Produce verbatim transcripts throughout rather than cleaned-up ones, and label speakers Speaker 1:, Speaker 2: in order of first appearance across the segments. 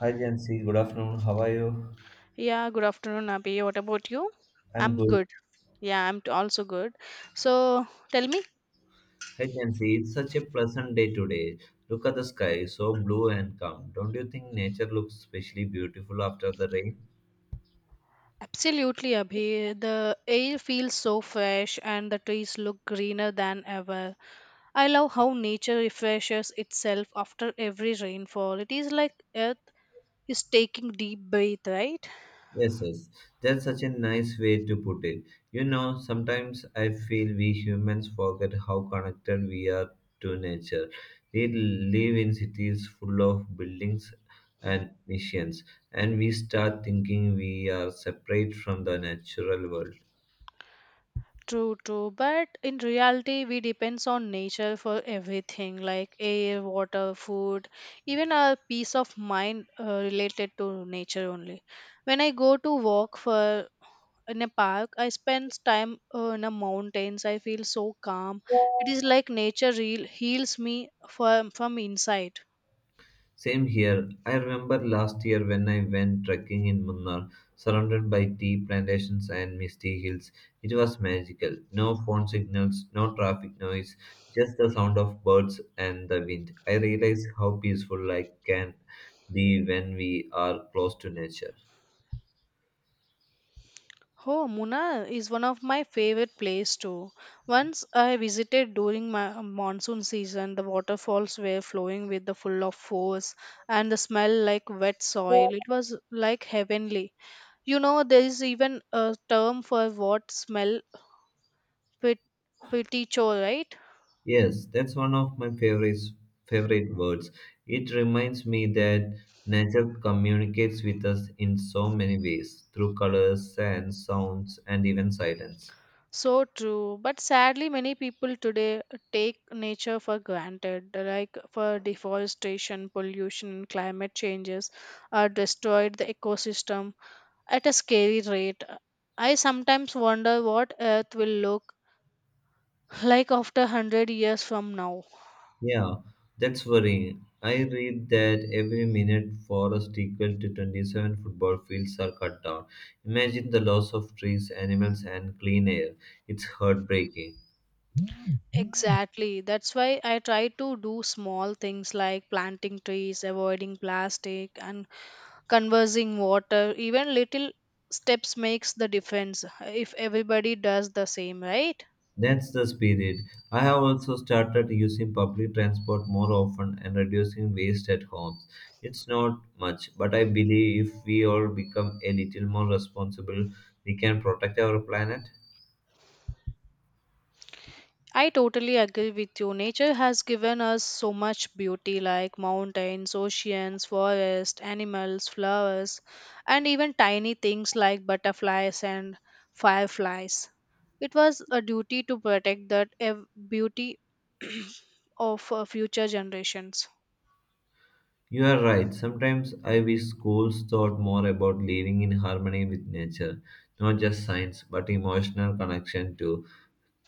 Speaker 1: Hi Jansi, good afternoon. How are you?
Speaker 2: Yeah, good afternoon, Abhi. What about you?
Speaker 1: I'm
Speaker 2: I'm
Speaker 1: good.
Speaker 2: good. Yeah, I'm t- also good. So tell me.
Speaker 1: Hi Jansi, it's such a pleasant day today. Look at the sky, so blue and calm. Don't you think nature looks especially beautiful after the rain?
Speaker 2: Absolutely, Abhi. The air feels so fresh and the trees look greener than ever. I love how nature refreshes itself after every rainfall. It is like earth is taking deep breath, right?
Speaker 1: Yes, yes. That's such a nice way to put it. You know, sometimes I feel we humans forget how connected we are to nature. We live in cities full of buildings and missions, and we start thinking we are separate from the natural world.
Speaker 2: True, true. But in reality, we depends on nature for everything, like air, water, food, even our peace of mind uh, related to nature only. When I go to walk for in a park, I spend time uh, in the mountains. I feel so calm. It is like nature real heals me from from inside.
Speaker 1: Same here. I remember last year when I went trekking in Munnar, surrounded by tea plantations and misty hills. It was magical. No phone signals, no traffic noise, just the sound of birds and the wind. I realized how peaceful life can be when we are close to nature.
Speaker 2: Oh, Munnar is one of my favorite place too. Once I visited during my monsoon season, the waterfalls were flowing with the full of force and the smell like wet soil. It was like heavenly. You know, there is even a term for what smell pet peticho, right?
Speaker 1: Yes, that's one of my favorites, favorite words. It reminds me that nature communicates with us in so many ways through colors, and sounds, and even silence.
Speaker 2: So true. But sadly, many people today take nature for granted, like for deforestation, pollution, and climate changes are destroyed the ecosystem at a scary rate. I sometimes wonder what Earth will look like after one hundred years from now.
Speaker 1: Yeah, that's worrying. I read that every minute forest equal to twenty-seven football fields are cut down. Imagine the loss of trees, animals, and clean air. It's heartbreaking.
Speaker 2: Exactly. That's why I try to do small things like planting trees, avoiding plastic, and conserving water. Even little steps makes the difference if everybody does the same, right?
Speaker 1: That's the spirit. I have also started using public transport more often and reducing waste at homes. It's not much, but I believe if we all become a little more responsible, we can protect our planet.
Speaker 2: I totally agree with you. Nature has given us so much beauty like mountains, oceans, forests, animals, flowers, and even tiny things like butterflies and fireflies. It was a duty to protect that ev- beauty of uh, future generations.
Speaker 1: You are right. Sometimes I wish schools thought more about living in harmony with nature, not just science, but emotional connection too.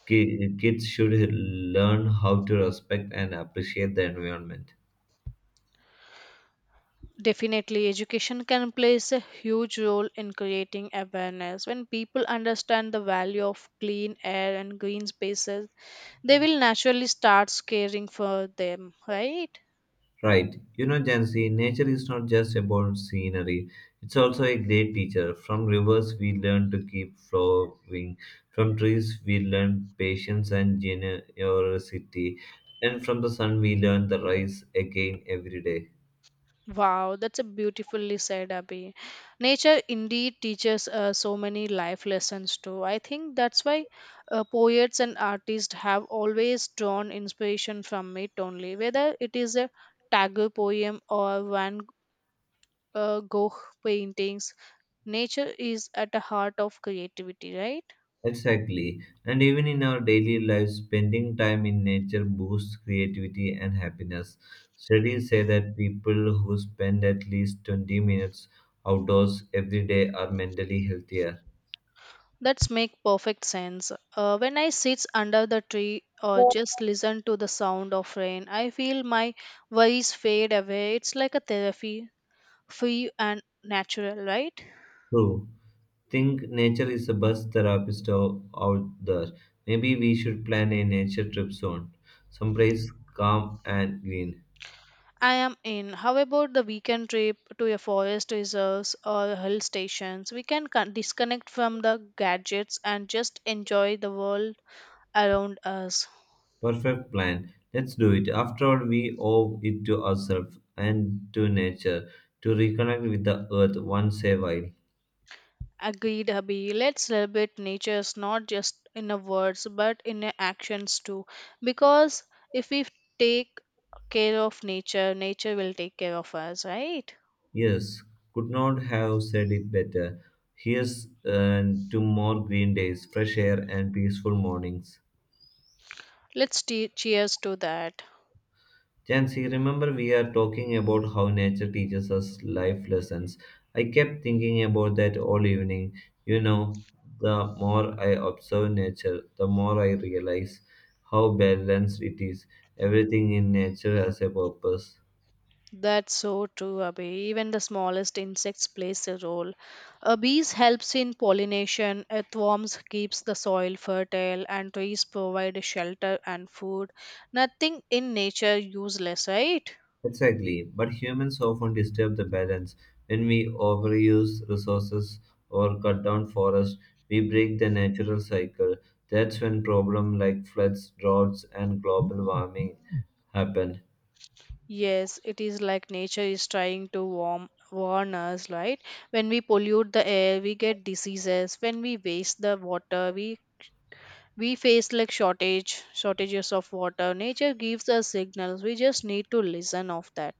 Speaker 1: Ki- Kids should learn how to respect and appreciate the environment.
Speaker 2: Definitely, education can play a huge role in creating awareness. When people understand the value of clean air and green spaces, they will naturally start caring for them, right?
Speaker 1: Right. You know, Jansi, nature is not just about scenery. It's also a great teacher. From rivers, we learn to keep flowing. From trees, we learn patience and generosity. And from the sun, we learn the rise again every day.
Speaker 2: Wow, that's a beautifully said, Abhi. Nature indeed teaches uh, so many life lessons too. I think that's why uh, poets and artists have always drawn inspiration from it only, whether it is a Tagore poem or Van uh, Gogh paintings. Nature is at the heart of creativity, right?
Speaker 1: Exactly. And even in our daily lives, spending time in nature boosts creativity and happiness. Studies say that people who spend at least twenty minutes outdoors every day are mentally healthier.
Speaker 2: That's make perfect sense. Uh, when I sit under the tree or just listen to the sound of rain, I feel my worries fade away. It's like a therapy, free and natural, right?
Speaker 1: True. Think nature is the best therapist o- out there. Maybe we should plan a nature trip soon. Someplace calm and green.
Speaker 2: I am in. How about the weekend trip to a forest reserves or hill stations? We can con- disconnect from the gadgets and just enjoy the world around us.
Speaker 1: Perfect plan. Let's do it. After all, we owe it to ourselves and to nature to reconnect with the earth once a while.
Speaker 2: Agreed, Abhi. Let's celebrate nature is not just in the words but in the actions too. Because if we take care of nature, nature will take care of us, right?
Speaker 1: Yes, could not have said it better. Here's uh, to more green days, fresh air, and peaceful mornings.
Speaker 2: Let's te- cheers to that.
Speaker 1: Jancy, remember we are talking about how nature teaches us life lessons. I kept thinking about that all evening. You know, the more I observe nature, the more I realize how balanced it is. Everything in nature has a purpose.
Speaker 2: That's so true, Abhi. Even the smallest insects plays a role. A bees helps in pollination, earthworms keeps the soil fertile, and trees provide shelter and food. Nothing in nature useless, right?
Speaker 1: Exactly, but humans often disturb the balance. When we overuse resources or cut down forests, we break the natural cycle. That's when problems like floods, droughts, and global warming happen.
Speaker 2: Yes, it is like nature is trying to warm, warn us, right? When we pollute the air, we get diseases. When we waste the water, we we face like shortage, shortages of water. Nature gives us signals. We just need to listen of that.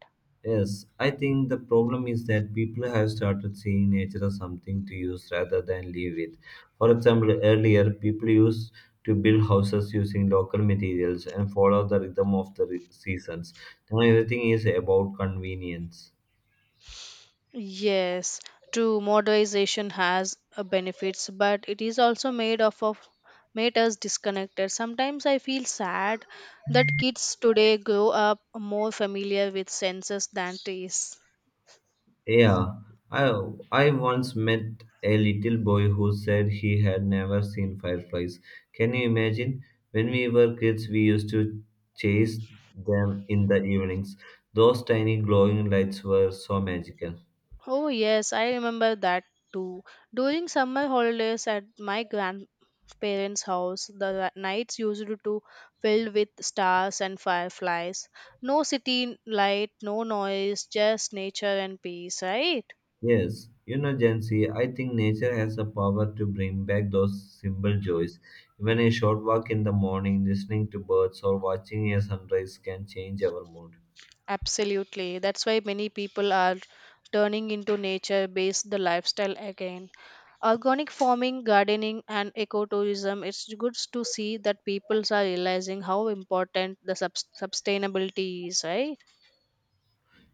Speaker 1: Yes, I think the problem is that people have started seeing nature as something to use rather than live with. For example, earlier people used to build houses using local materials and follow the rhythm of the re- seasons. Now everything is about convenience.
Speaker 2: Yes, true. Modernization has uh, benefits, but it is also made of of made us disconnected. Sometimes I feel sad that kids today grow up more familiar with senses than taste.
Speaker 1: Yeah, I I once met a little boy who said he had never seen fireflies. Can you imagine? When we were kids, we used to chase them in the evenings. Those tiny glowing lights were so magical.
Speaker 2: Oh, yes, I remember that too. During summer holidays at my grandparents' house, the ri- nights used to filled with stars and fireflies. No city light, no noise, just nature and peace, right?
Speaker 1: Yes, you know, Gen Z, I think nature has the power to bring back those simple joys. Even a short walk in the morning, listening to birds, or watching a sunrise can change our mood.
Speaker 2: Absolutely. That's why many people are turning into nature based the lifestyle again. Organic farming, gardening and ecotourism, it's good to see that people are realizing how important the sub- sustainability is, right?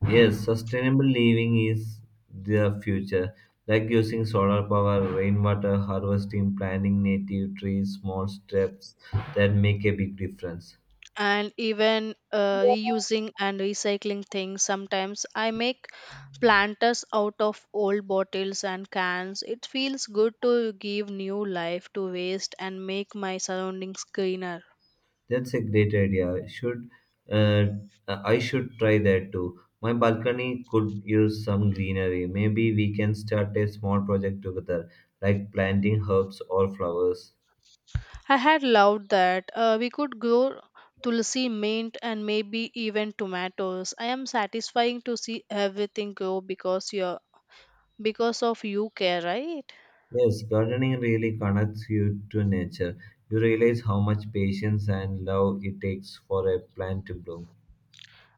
Speaker 1: Yes, sustainable living is the future, like using solar power, rainwater harvesting, planting native trees, small steps that make a big difference.
Speaker 2: And even uh, reusing and recycling things. Sometimes I make planters out of old bottles and cans. It feels good to give new life to waste and make my surroundings greener.
Speaker 1: That's a great idea. I Should uh, I should try that too. My balcony could use some greenery. Maybe we can start a small project together, like planting herbs or flowers.
Speaker 2: I had loved that uh, we could grow tulsi, mint, and maybe even tomatoes. I am satisfying to see everything grow because you're because of you care, right?
Speaker 1: Yes, gardening really connects you to nature. You realize how much patience and love it takes for a plant to bloom.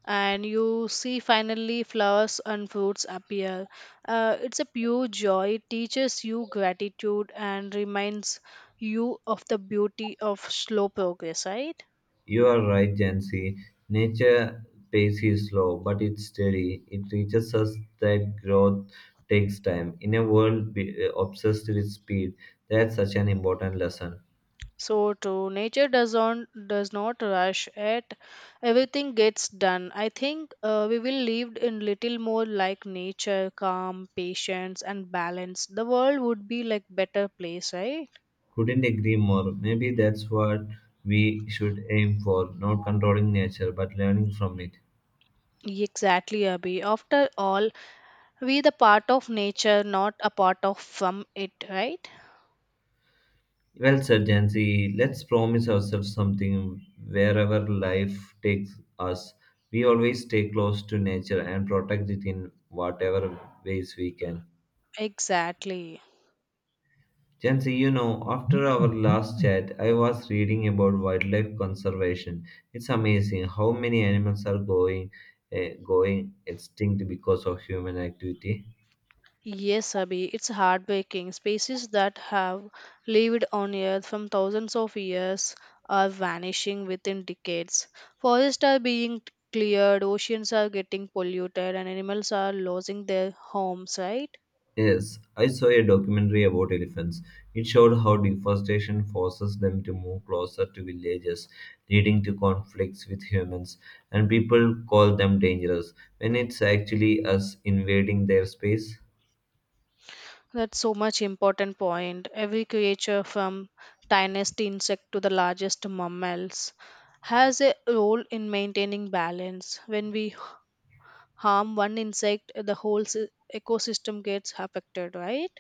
Speaker 2: And you see finally flowers and fruits appear. Uh, it's a pure joy, teaches you gratitude and reminds you of the beauty of slow progress, right?
Speaker 1: You are right, Jancy. Nature pace is slow, but it's steady. It teaches us that growth takes time. In a world be- uh, obsessed with speed, that's such an important lesson.
Speaker 2: So true. Nature does not does not rush it. Everything gets done. I think uh, we will live in little more like nature, calm, patience, and balance. The world would be like better place, right?
Speaker 1: Couldn't agree more. Maybe that's what we should aim for, not controlling nature, but learning from it.
Speaker 2: Exactly, Abhi. After all, we the part of nature not a part of from it, right?
Speaker 1: Well said, Jancy. Let's promise ourselves something wherever life takes us. We always stay close to nature and protect it in whatever ways we can.
Speaker 2: Exactly.
Speaker 1: Jancy, you know, after our last chat, I was reading about wildlife conservation. It's amazing how many animals are going, eh, going extinct because of human activity.
Speaker 2: Yes, Abhi, it's heartbreaking. Species that have lived on Earth from thousands of years are vanishing within decades. Forests are being cleared, oceans are getting polluted, and animals are losing their homes, right?
Speaker 1: Yes, I saw a documentary about elephants. It showed how deforestation forces them to move closer to villages, leading to conflicts with humans, and people call them dangerous when it's actually us invading their space.
Speaker 2: That's so much important point. Every creature from tiniest insect to the largest mammals has a role in maintaining balance. When we harm one insect, the whole sy- ecosystem gets affected, right?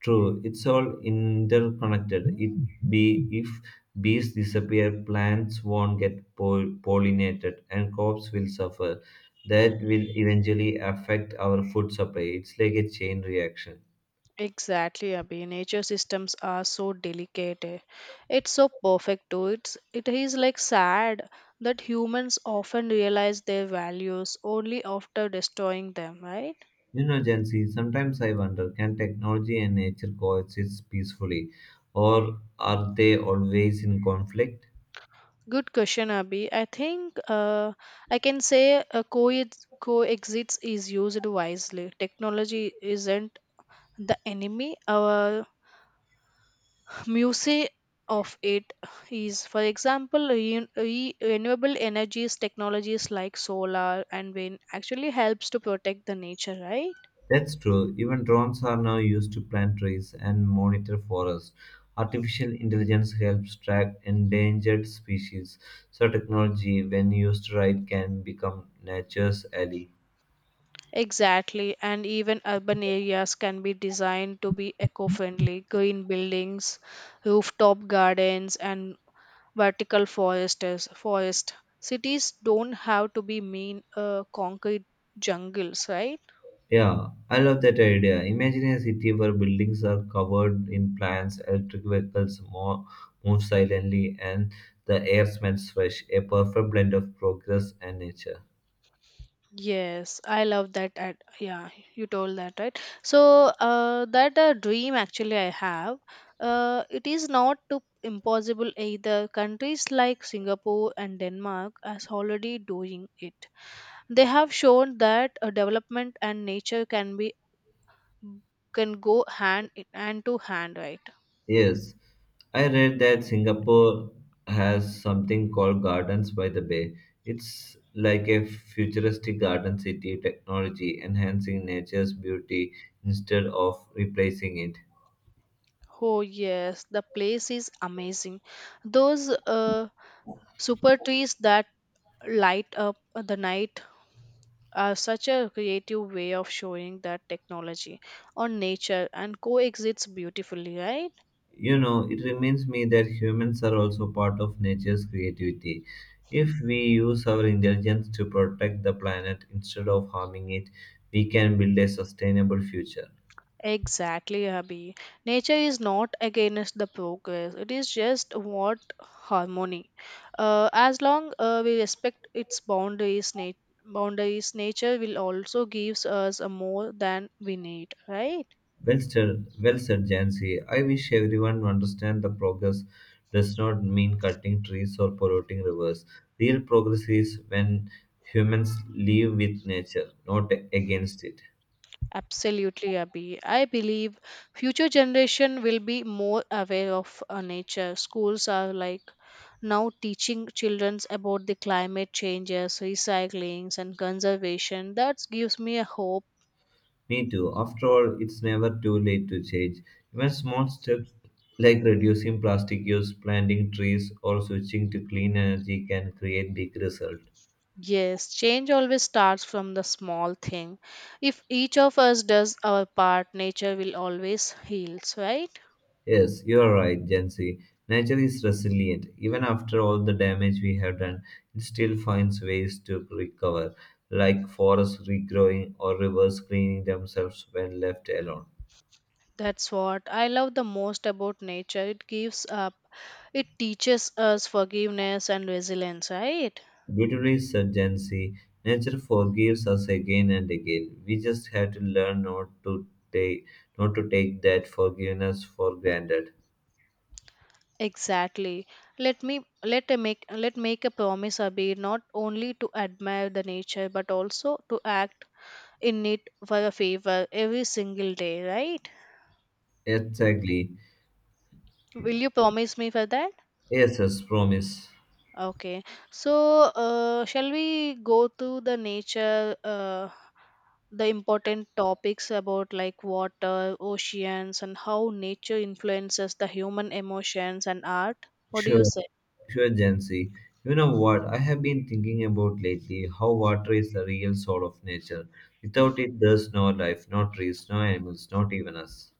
Speaker 1: True, it's all interconnected. It be if bees disappear, plants won't get pol- pollinated, and crops will suffer. That will eventually affect our food supply. It's like a chain reaction.
Speaker 2: Exactly, Abhi. Nature systems are so delicate. Eh. It's so perfect too. It's it is like sad that humans often realize their values only after destroying them, right?
Speaker 1: You know, Jansi, sometimes I wonder, can technology and nature coexist peacefully, or are they always in conflict?
Speaker 2: Good question, Abhi. I think uh, I can say uh, co- coexists is used wisely. Technology isn't the enemy. Our music of it is, for example, re- re- renewable energies technologies like solar and wind actually helps to protect the nature, right?
Speaker 1: That's true. Even drones are now used to plant trees and monitor forests. Artificial intelligence helps track endangered species, so technology, when used right, can become nature's ally.
Speaker 2: Exactly. And even urban areas can be designed to be eco-friendly. Green buildings, rooftop gardens, and vertical forest is forest cities don't have to be mean uh, concrete jungles, right?
Speaker 1: Yeah, I love that idea. Imagine a city where buildings are covered in plants, electric vehicles mo- move silently, and the air smells fresh, a perfect blend of progress and nature.
Speaker 2: Yes i love that ad- yeah, you told that right. So, uh, that a dream actually I have. Uh, it is not too impossible either. Countries like singapore and denmark are already doing it. They have shown that uh, development and nature can be can go hand in hand to hand, right?
Speaker 1: Yes, I read that Singapore has something called Gardens by the Bay. It's like a futuristic garden city, technology enhancing nature's beauty instead of replacing it.
Speaker 2: Oh, yes, the place is amazing. Those uh, super trees that light up the night are such a creative way of showing that technology on nature and coexists beautifully, right?
Speaker 1: You know, it reminds me that humans are also part of nature's creativity. If we use our intelligence to protect the planet instead of harming it, we can build a sustainable future.
Speaker 2: Exactly, Abhi. Nature is not against the progress, it is just what harmony. Uh, as long uh, we respect its boundaries, nat- boundaries, nature will also gives us a more than we need, right?
Speaker 1: Well sir. Well said, Jancy. I wish everyone understand the progress does not mean cutting trees or polluting rivers. Real progress is when humans live with nature, not against it.
Speaker 2: Absolutely, Abhi. I believe future generation will be more aware of uh, nature. Schools are like now teaching children about the climate changes, recyclings, and conservation. That gives me a hope.
Speaker 1: Me too. After all, it's never too late to change. Even small steps like reducing plastic use, planting trees, or switching to clean energy can create big results.
Speaker 2: Yes, change always starts from the small thing. If each of us does our part, nature will always heals, right?
Speaker 1: Yes, you are right, Jency. Nature is resilient. Even after all the damage we have done, it still finds ways to recover, like forests regrowing or rivers cleaning themselves when left alone.
Speaker 2: That's what I love the most about nature. It gives up, it teaches us forgiveness and resilience, right?
Speaker 1: Beautifully said, Jancy. Nature forgives us again and again. We just have to learn not to take not to take that forgiveness for granted.
Speaker 2: Exactly. Let me let a make let make a promise, Abhi, not only to admire the nature but also to act in it for a favor every single day, right?
Speaker 1: Exactly.
Speaker 2: Will you promise me for that?
Speaker 1: Yes, as promise.
Speaker 2: Okay. So, uh, shall we go through the nature, uh, the important topics about like water, oceans, and how nature influences the human emotions and art? What do you
Speaker 1: Sure,
Speaker 2: say?
Speaker 1: sure, Jancy. You know what? I have been thinking about lately how water is the real soul of nature. Without it, there's no life, no trees, no animals, not even us.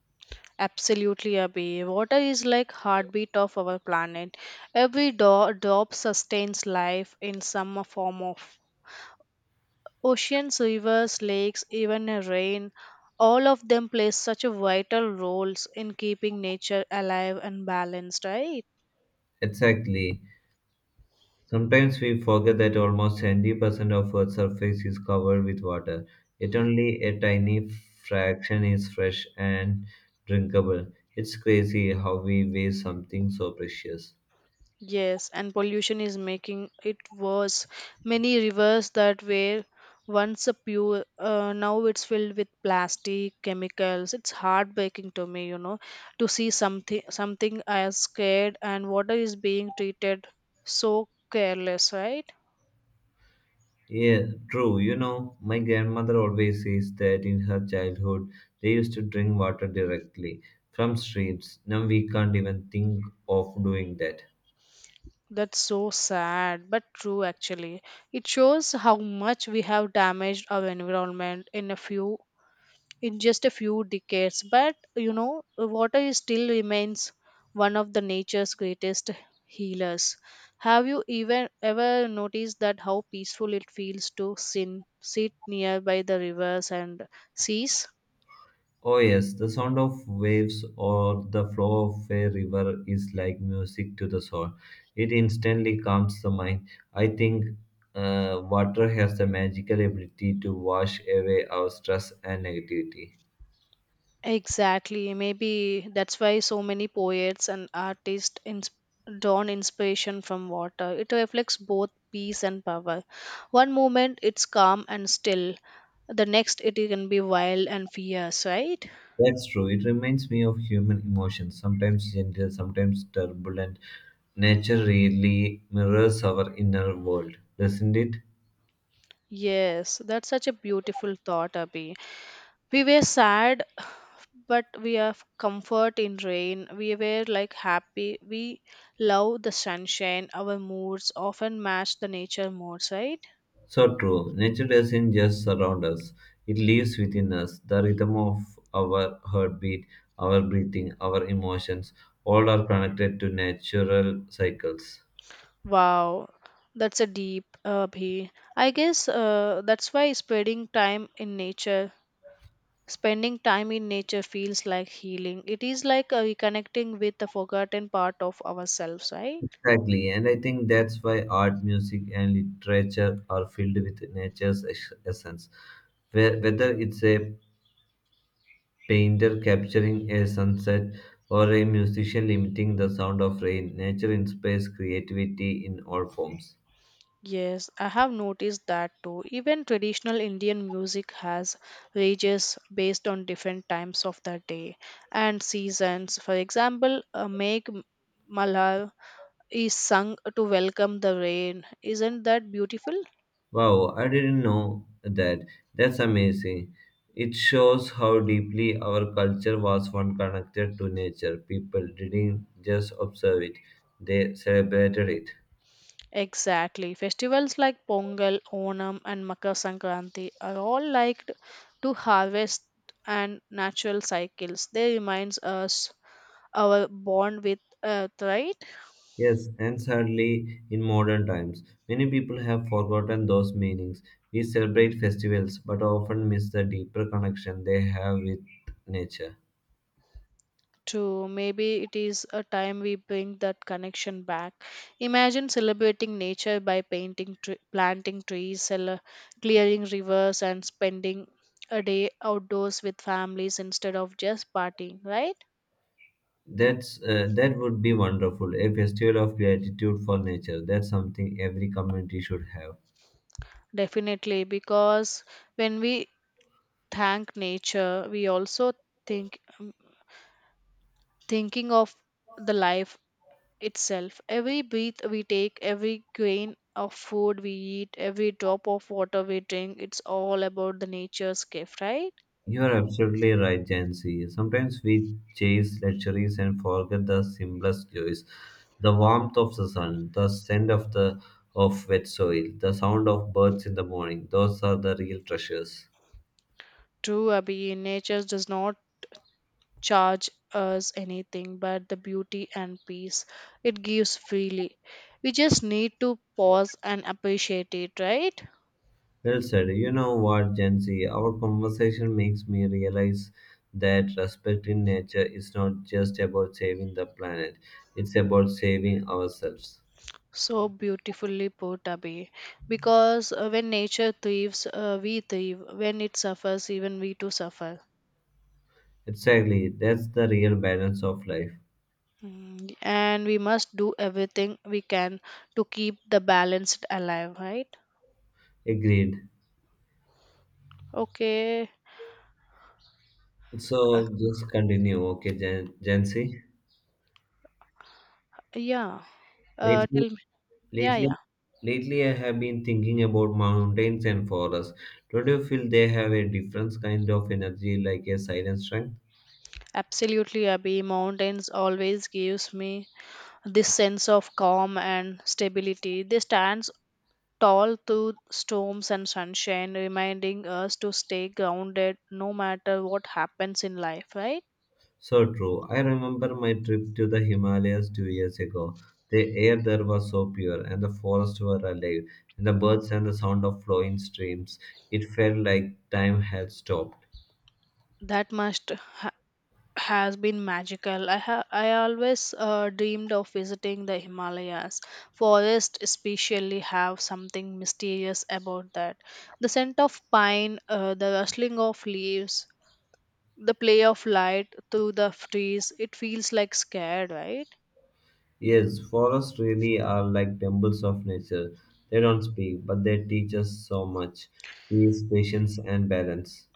Speaker 2: Absolutely, Abhi. Water is like heartbeat of our planet. Every do- drop sustains life in some form of oceans, rivers, lakes, even a rain. All of them play such a vital roles in keeping nature alive and balanced, right?
Speaker 1: Exactly. Sometimes we forget that almost seventy percent of Earth's surface is covered with water, yet only a tiny fraction is fresh and drinkable. It's crazy how we waste something so precious.
Speaker 2: Yes, and pollution is making it worse. Many rivers that were once a pure, uh, now it's filled with plastic, chemicals. It's heartbreaking to me, you know, to see something something as scared and water is being treated so careless, right?
Speaker 1: Yeah, true. You know, my grandmother always says that in her childhood they used to drink water directly from streams. Now we can't even think of doing that.
Speaker 2: That's so sad, but true actually. It shows how much we have damaged our environment in a few in just a few decades. But you know, water is still remains one of the nature's greatest healers. Have you even ever noticed that how peaceful it feels to sin, sit nearby the rivers and seas?
Speaker 1: Oh, yes, the sound of waves or the flow of a river is like music to the soul. It instantly calms the mind. I think uh, water has the magical ability to wash away our stress and negativity.
Speaker 2: Exactly. Maybe that's why so many poets and artists ins- drawn inspiration from water. It reflects both peace and power. One moment it's calm and still, the next it can be wild and fierce, right?
Speaker 1: That's true. It reminds me of human emotions, sometimes gentle, sometimes turbulent. Nature really mirrors our inner world, doesn't it?
Speaker 2: Yes, that's such a beautiful thought, Abhi. We were sad, but we have comfort in rain. We were like happy. We love the sunshine. Our moods often match the nature moods, right?
Speaker 1: So true. Nature doesn't just surround us, it lives within us. The rhythm of our heartbeat, our breathing, our emotions, all are connected to natural cycles.
Speaker 2: Wow, that's a deep, uh, Abhi. I guess uh, that's why spending time in nature, spending time in nature feels like healing. It is like uh, reconnecting with the forgotten part of ourselves, right?
Speaker 1: Exactly, and I think that's why art, music, and literature are filled with nature's es- essence. Whe- Whether it's a painter capturing a sunset or a musician limiting the sound of rain, nature inspires creativity in all forms.
Speaker 2: Yes, I have noticed that too. Even traditional Indian music has ranges based on different times of the day and seasons. For example, a Meg Malhar is sung to welcome the rain. Isn't that beautiful?
Speaker 1: Wow, I didn't know that. That's amazing. It shows how deeply our culture was one connected to nature. People didn't just observe it, they celebrated it.
Speaker 2: Exactly. Festivals like Pongal, Onam, and Makar Sankranti are all liked to harvest and natural cycles. They reminds us our bond with earth, right?
Speaker 1: Yes, and sadly, in modern times, many people have forgotten those meanings. We celebrate festivals, but often miss the deeper connection they have with nature.
Speaker 2: To maybe it is a time we bring that connection back. Imagine celebrating nature by painting tre- planting trees, cele- clearing rivers, and spending a day outdoors with families instead of just partying, right?
Speaker 1: That's uh, that would be wonderful. A festival of gratitude for nature. That's something every community should have.
Speaker 2: Definitely, because when we thank nature, we also think um, thinking of the life itself. Every breath we take, every grain of food we eat, every drop of water we drink, it's all about the nature's gift, right?
Speaker 1: You are absolutely right, Jancy. Sometimes we chase luxuries and forget the simplest joys. The warmth of the sun, the scent of the of wet soil, the sound of birds in the morning. Those are the real treasures.
Speaker 2: True, Abhi, nature does not charge us anything but the beauty and peace it gives freely. We just need to pause and appreciate it, right?
Speaker 1: Well said. You know what, Jancy? Our conversation makes me realize that respecting nature is not just about saving the planet. It's about saving ourselves.
Speaker 2: So beautifully put, Abhi. Because uh, when nature thrives, uh, we thrive. When it suffers, even we too suffer.
Speaker 1: Exactly. That's the real balance of life.
Speaker 2: Mm, and we must do everything we can to keep the balance alive, right?
Speaker 1: Agreed.
Speaker 2: Okay.
Speaker 1: So just continue, okay, Jan Jancy.
Speaker 2: Yeah. Uh
Speaker 1: Lately,
Speaker 2: tell me. Yeah,
Speaker 1: lately,
Speaker 2: yeah.
Speaker 1: Lately, I have been thinking about mountains and forests. Don't you feel they have a different kind of energy, like a silent strength?
Speaker 2: Absolutely, Abhi, mountains always gives me this sense of calm and stability. They stands tall through storms and sunshine, reminding us to stay grounded no matter what happens in life, right?
Speaker 1: So true. I remember my trip to the Himalayas two years ago. The air there was so pure, and the forests were alive, and the birds and the sound of flowing streams. It felt like time had stopped.
Speaker 2: that must ha- has been magical. I ha- I always uh, dreamed of visiting the Himalayas. Forests especially have something mysterious about that. The scent of pine, uh, the rustling of leaves, the play of light through the f- trees. It feels like scared, right?
Speaker 1: Yes, forests really are like temples of nature. They don't speak, but they teach us so much peace, patience, and balance.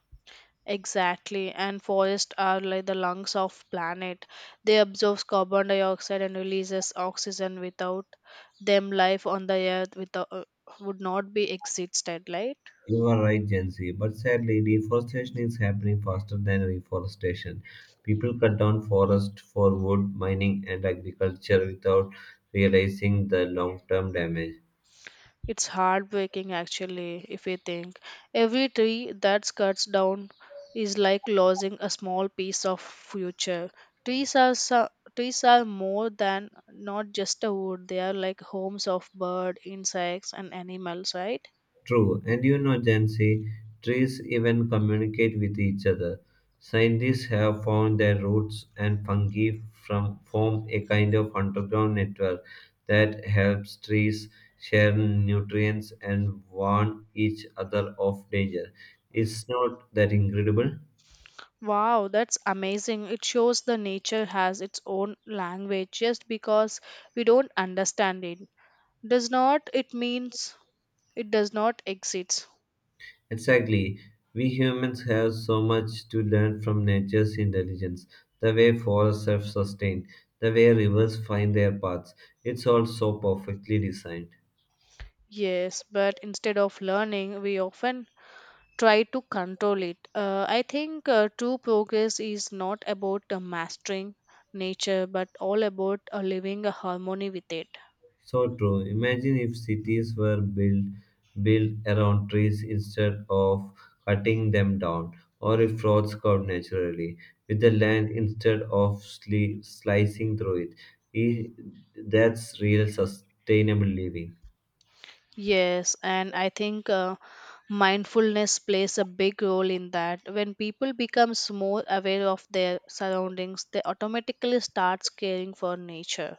Speaker 2: Exactly, and forests are like the lungs of planet. They absorb carbon dioxide and releases oxygen. Without them, life on the earth without, uh, would not be existed, right?
Speaker 1: You are right, Jency, but sadly, deforestation is happening faster than reforestation. People cut down forests for wood, mining, and agriculture without realizing the long term damage.
Speaker 2: It's heartbreaking actually, if you think. Every tree that's cuts down is like losing a small piece of future. Trees are so, Trees are more than not just a wood. They are like homes of bird, insects and animals, right?
Speaker 1: True, and you know, Jancy, trees even communicate with each other. Scientists have found their roots and fungi from form a kind of underground network that helps trees share nutrients and warn each other of danger. It's not that incredible.
Speaker 2: Wow, that's amazing. It shows the nature has its own language just because we don't understand it. Does not it means it does not exist.
Speaker 1: Exactly. We humans have so much to learn from nature's intelligence, the way forests self sustain, the way rivers find their paths. It's all so perfectly designed.
Speaker 2: Yes, but instead of learning, we often try to control it. Uh, I think uh, true progress is not about uh, mastering nature but all about uh, living a harmony with it.
Speaker 1: So true. Imagine if cities were built built around trees instead of cutting them down, or if roads curved naturally with the land instead of sli- slicing through it. I- That's real sustainable living.
Speaker 2: Yes, and I think uh, mindfulness plays a big role in that. When people becomes more aware of their surroundings, they automatically starts caring for nature.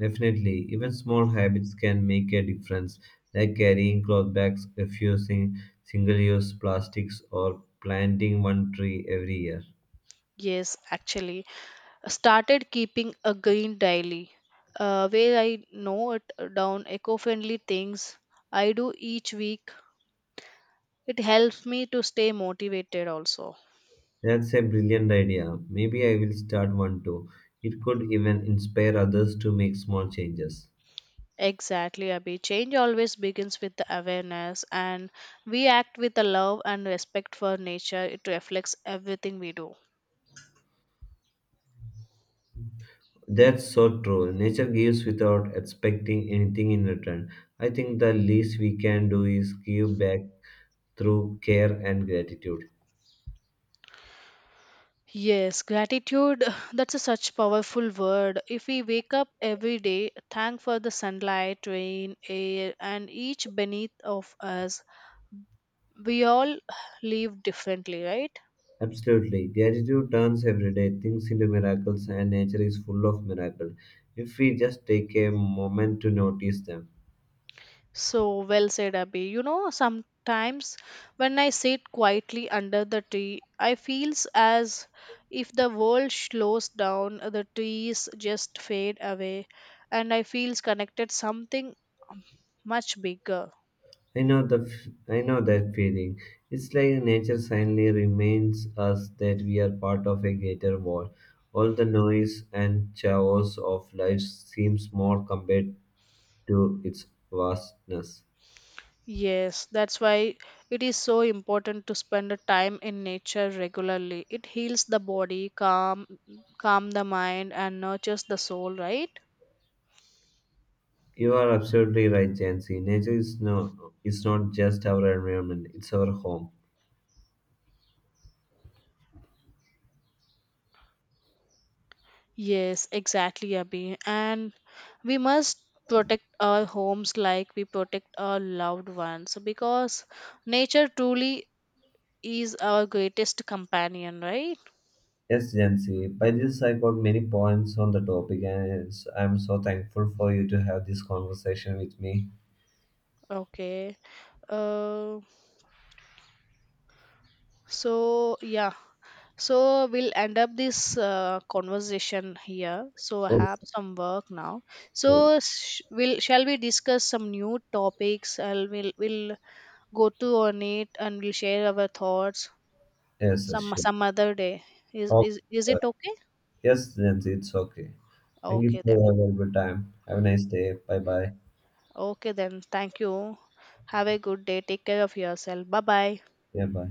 Speaker 1: Definitely, even small habits can make a difference, like carrying cloth bags, refusing single use plastics, or planting one tree every year.
Speaker 2: Yes, actually, I started keeping a green daily, uh, where I note down eco-friendly things I do each week. It helps me to stay motivated also.
Speaker 1: That's a brilliant idea. Maybe I will start one too. It could even inspire others to make small changes.
Speaker 2: Exactly, Abhi. Change always begins with the awareness, and we act with the love and respect for nature. It reflects everything we do.
Speaker 1: That's so true. Nature gives without expecting anything in return. I think the least we can do is give back through care and gratitude.
Speaker 2: Yes, gratitude, that's a such powerful word. If we wake up every day, thank for the sunlight, rain, air, and each beneath of us, we all live differently, right?
Speaker 1: Absolutely. Gratitude turns everyday things into miracles, and nature is full of miracles if we just take a moment to notice them.
Speaker 2: So well said, Abby. You know, sometimes when I sit quietly under the tree, I feels as if the world slows down, the trees just fade away, and I feels connected something um, much bigger.
Speaker 1: I know the f- I know that feeling. It's like nature silently reminds us that we are part of a greater world. All the noise and chaos of life seems small compared to its vastness.
Speaker 2: Yes, that's why it is so important to spend a time in nature regularly. It heals the body, calm, calm the mind, and nurtures the soul. Right?
Speaker 1: You are absolutely right, Jancy. Nature is no, it's not just our environment; it's our home.
Speaker 2: Yes, exactly, Abhi. And we must protect our homes like we protect our loved ones because nature truly is our greatest companion, right?
Speaker 1: Yes, Jancy. By this, I got many points on the topic, and it's, I'm so thankful for you to have this conversation with me.
Speaker 2: Okay. Uh, so, yeah. So, we'll end up this uh, conversation here. So, I have
Speaker 1: Yes,
Speaker 2: some work now.
Speaker 1: sure.
Speaker 2: So, sh- we'll, shall we discuss some new topics? I'll, we'll, we'll go to on it and we'll share our thoughts.
Speaker 1: yes, yes,
Speaker 2: some
Speaker 1: sure.
Speaker 2: some other day. Is
Speaker 1: Okay.
Speaker 2: is is
Speaker 1: uh,
Speaker 2: it okay?
Speaker 1: Yes, Jancy, it's okay. Thank you
Speaker 2: Okay
Speaker 1: for
Speaker 2: then.
Speaker 1: your valuable time. Have a nice day. Bye bye.
Speaker 2: Okay then. Thank you. Have a good day. Take care of yourself. Bye bye.
Speaker 1: Yeah, bye.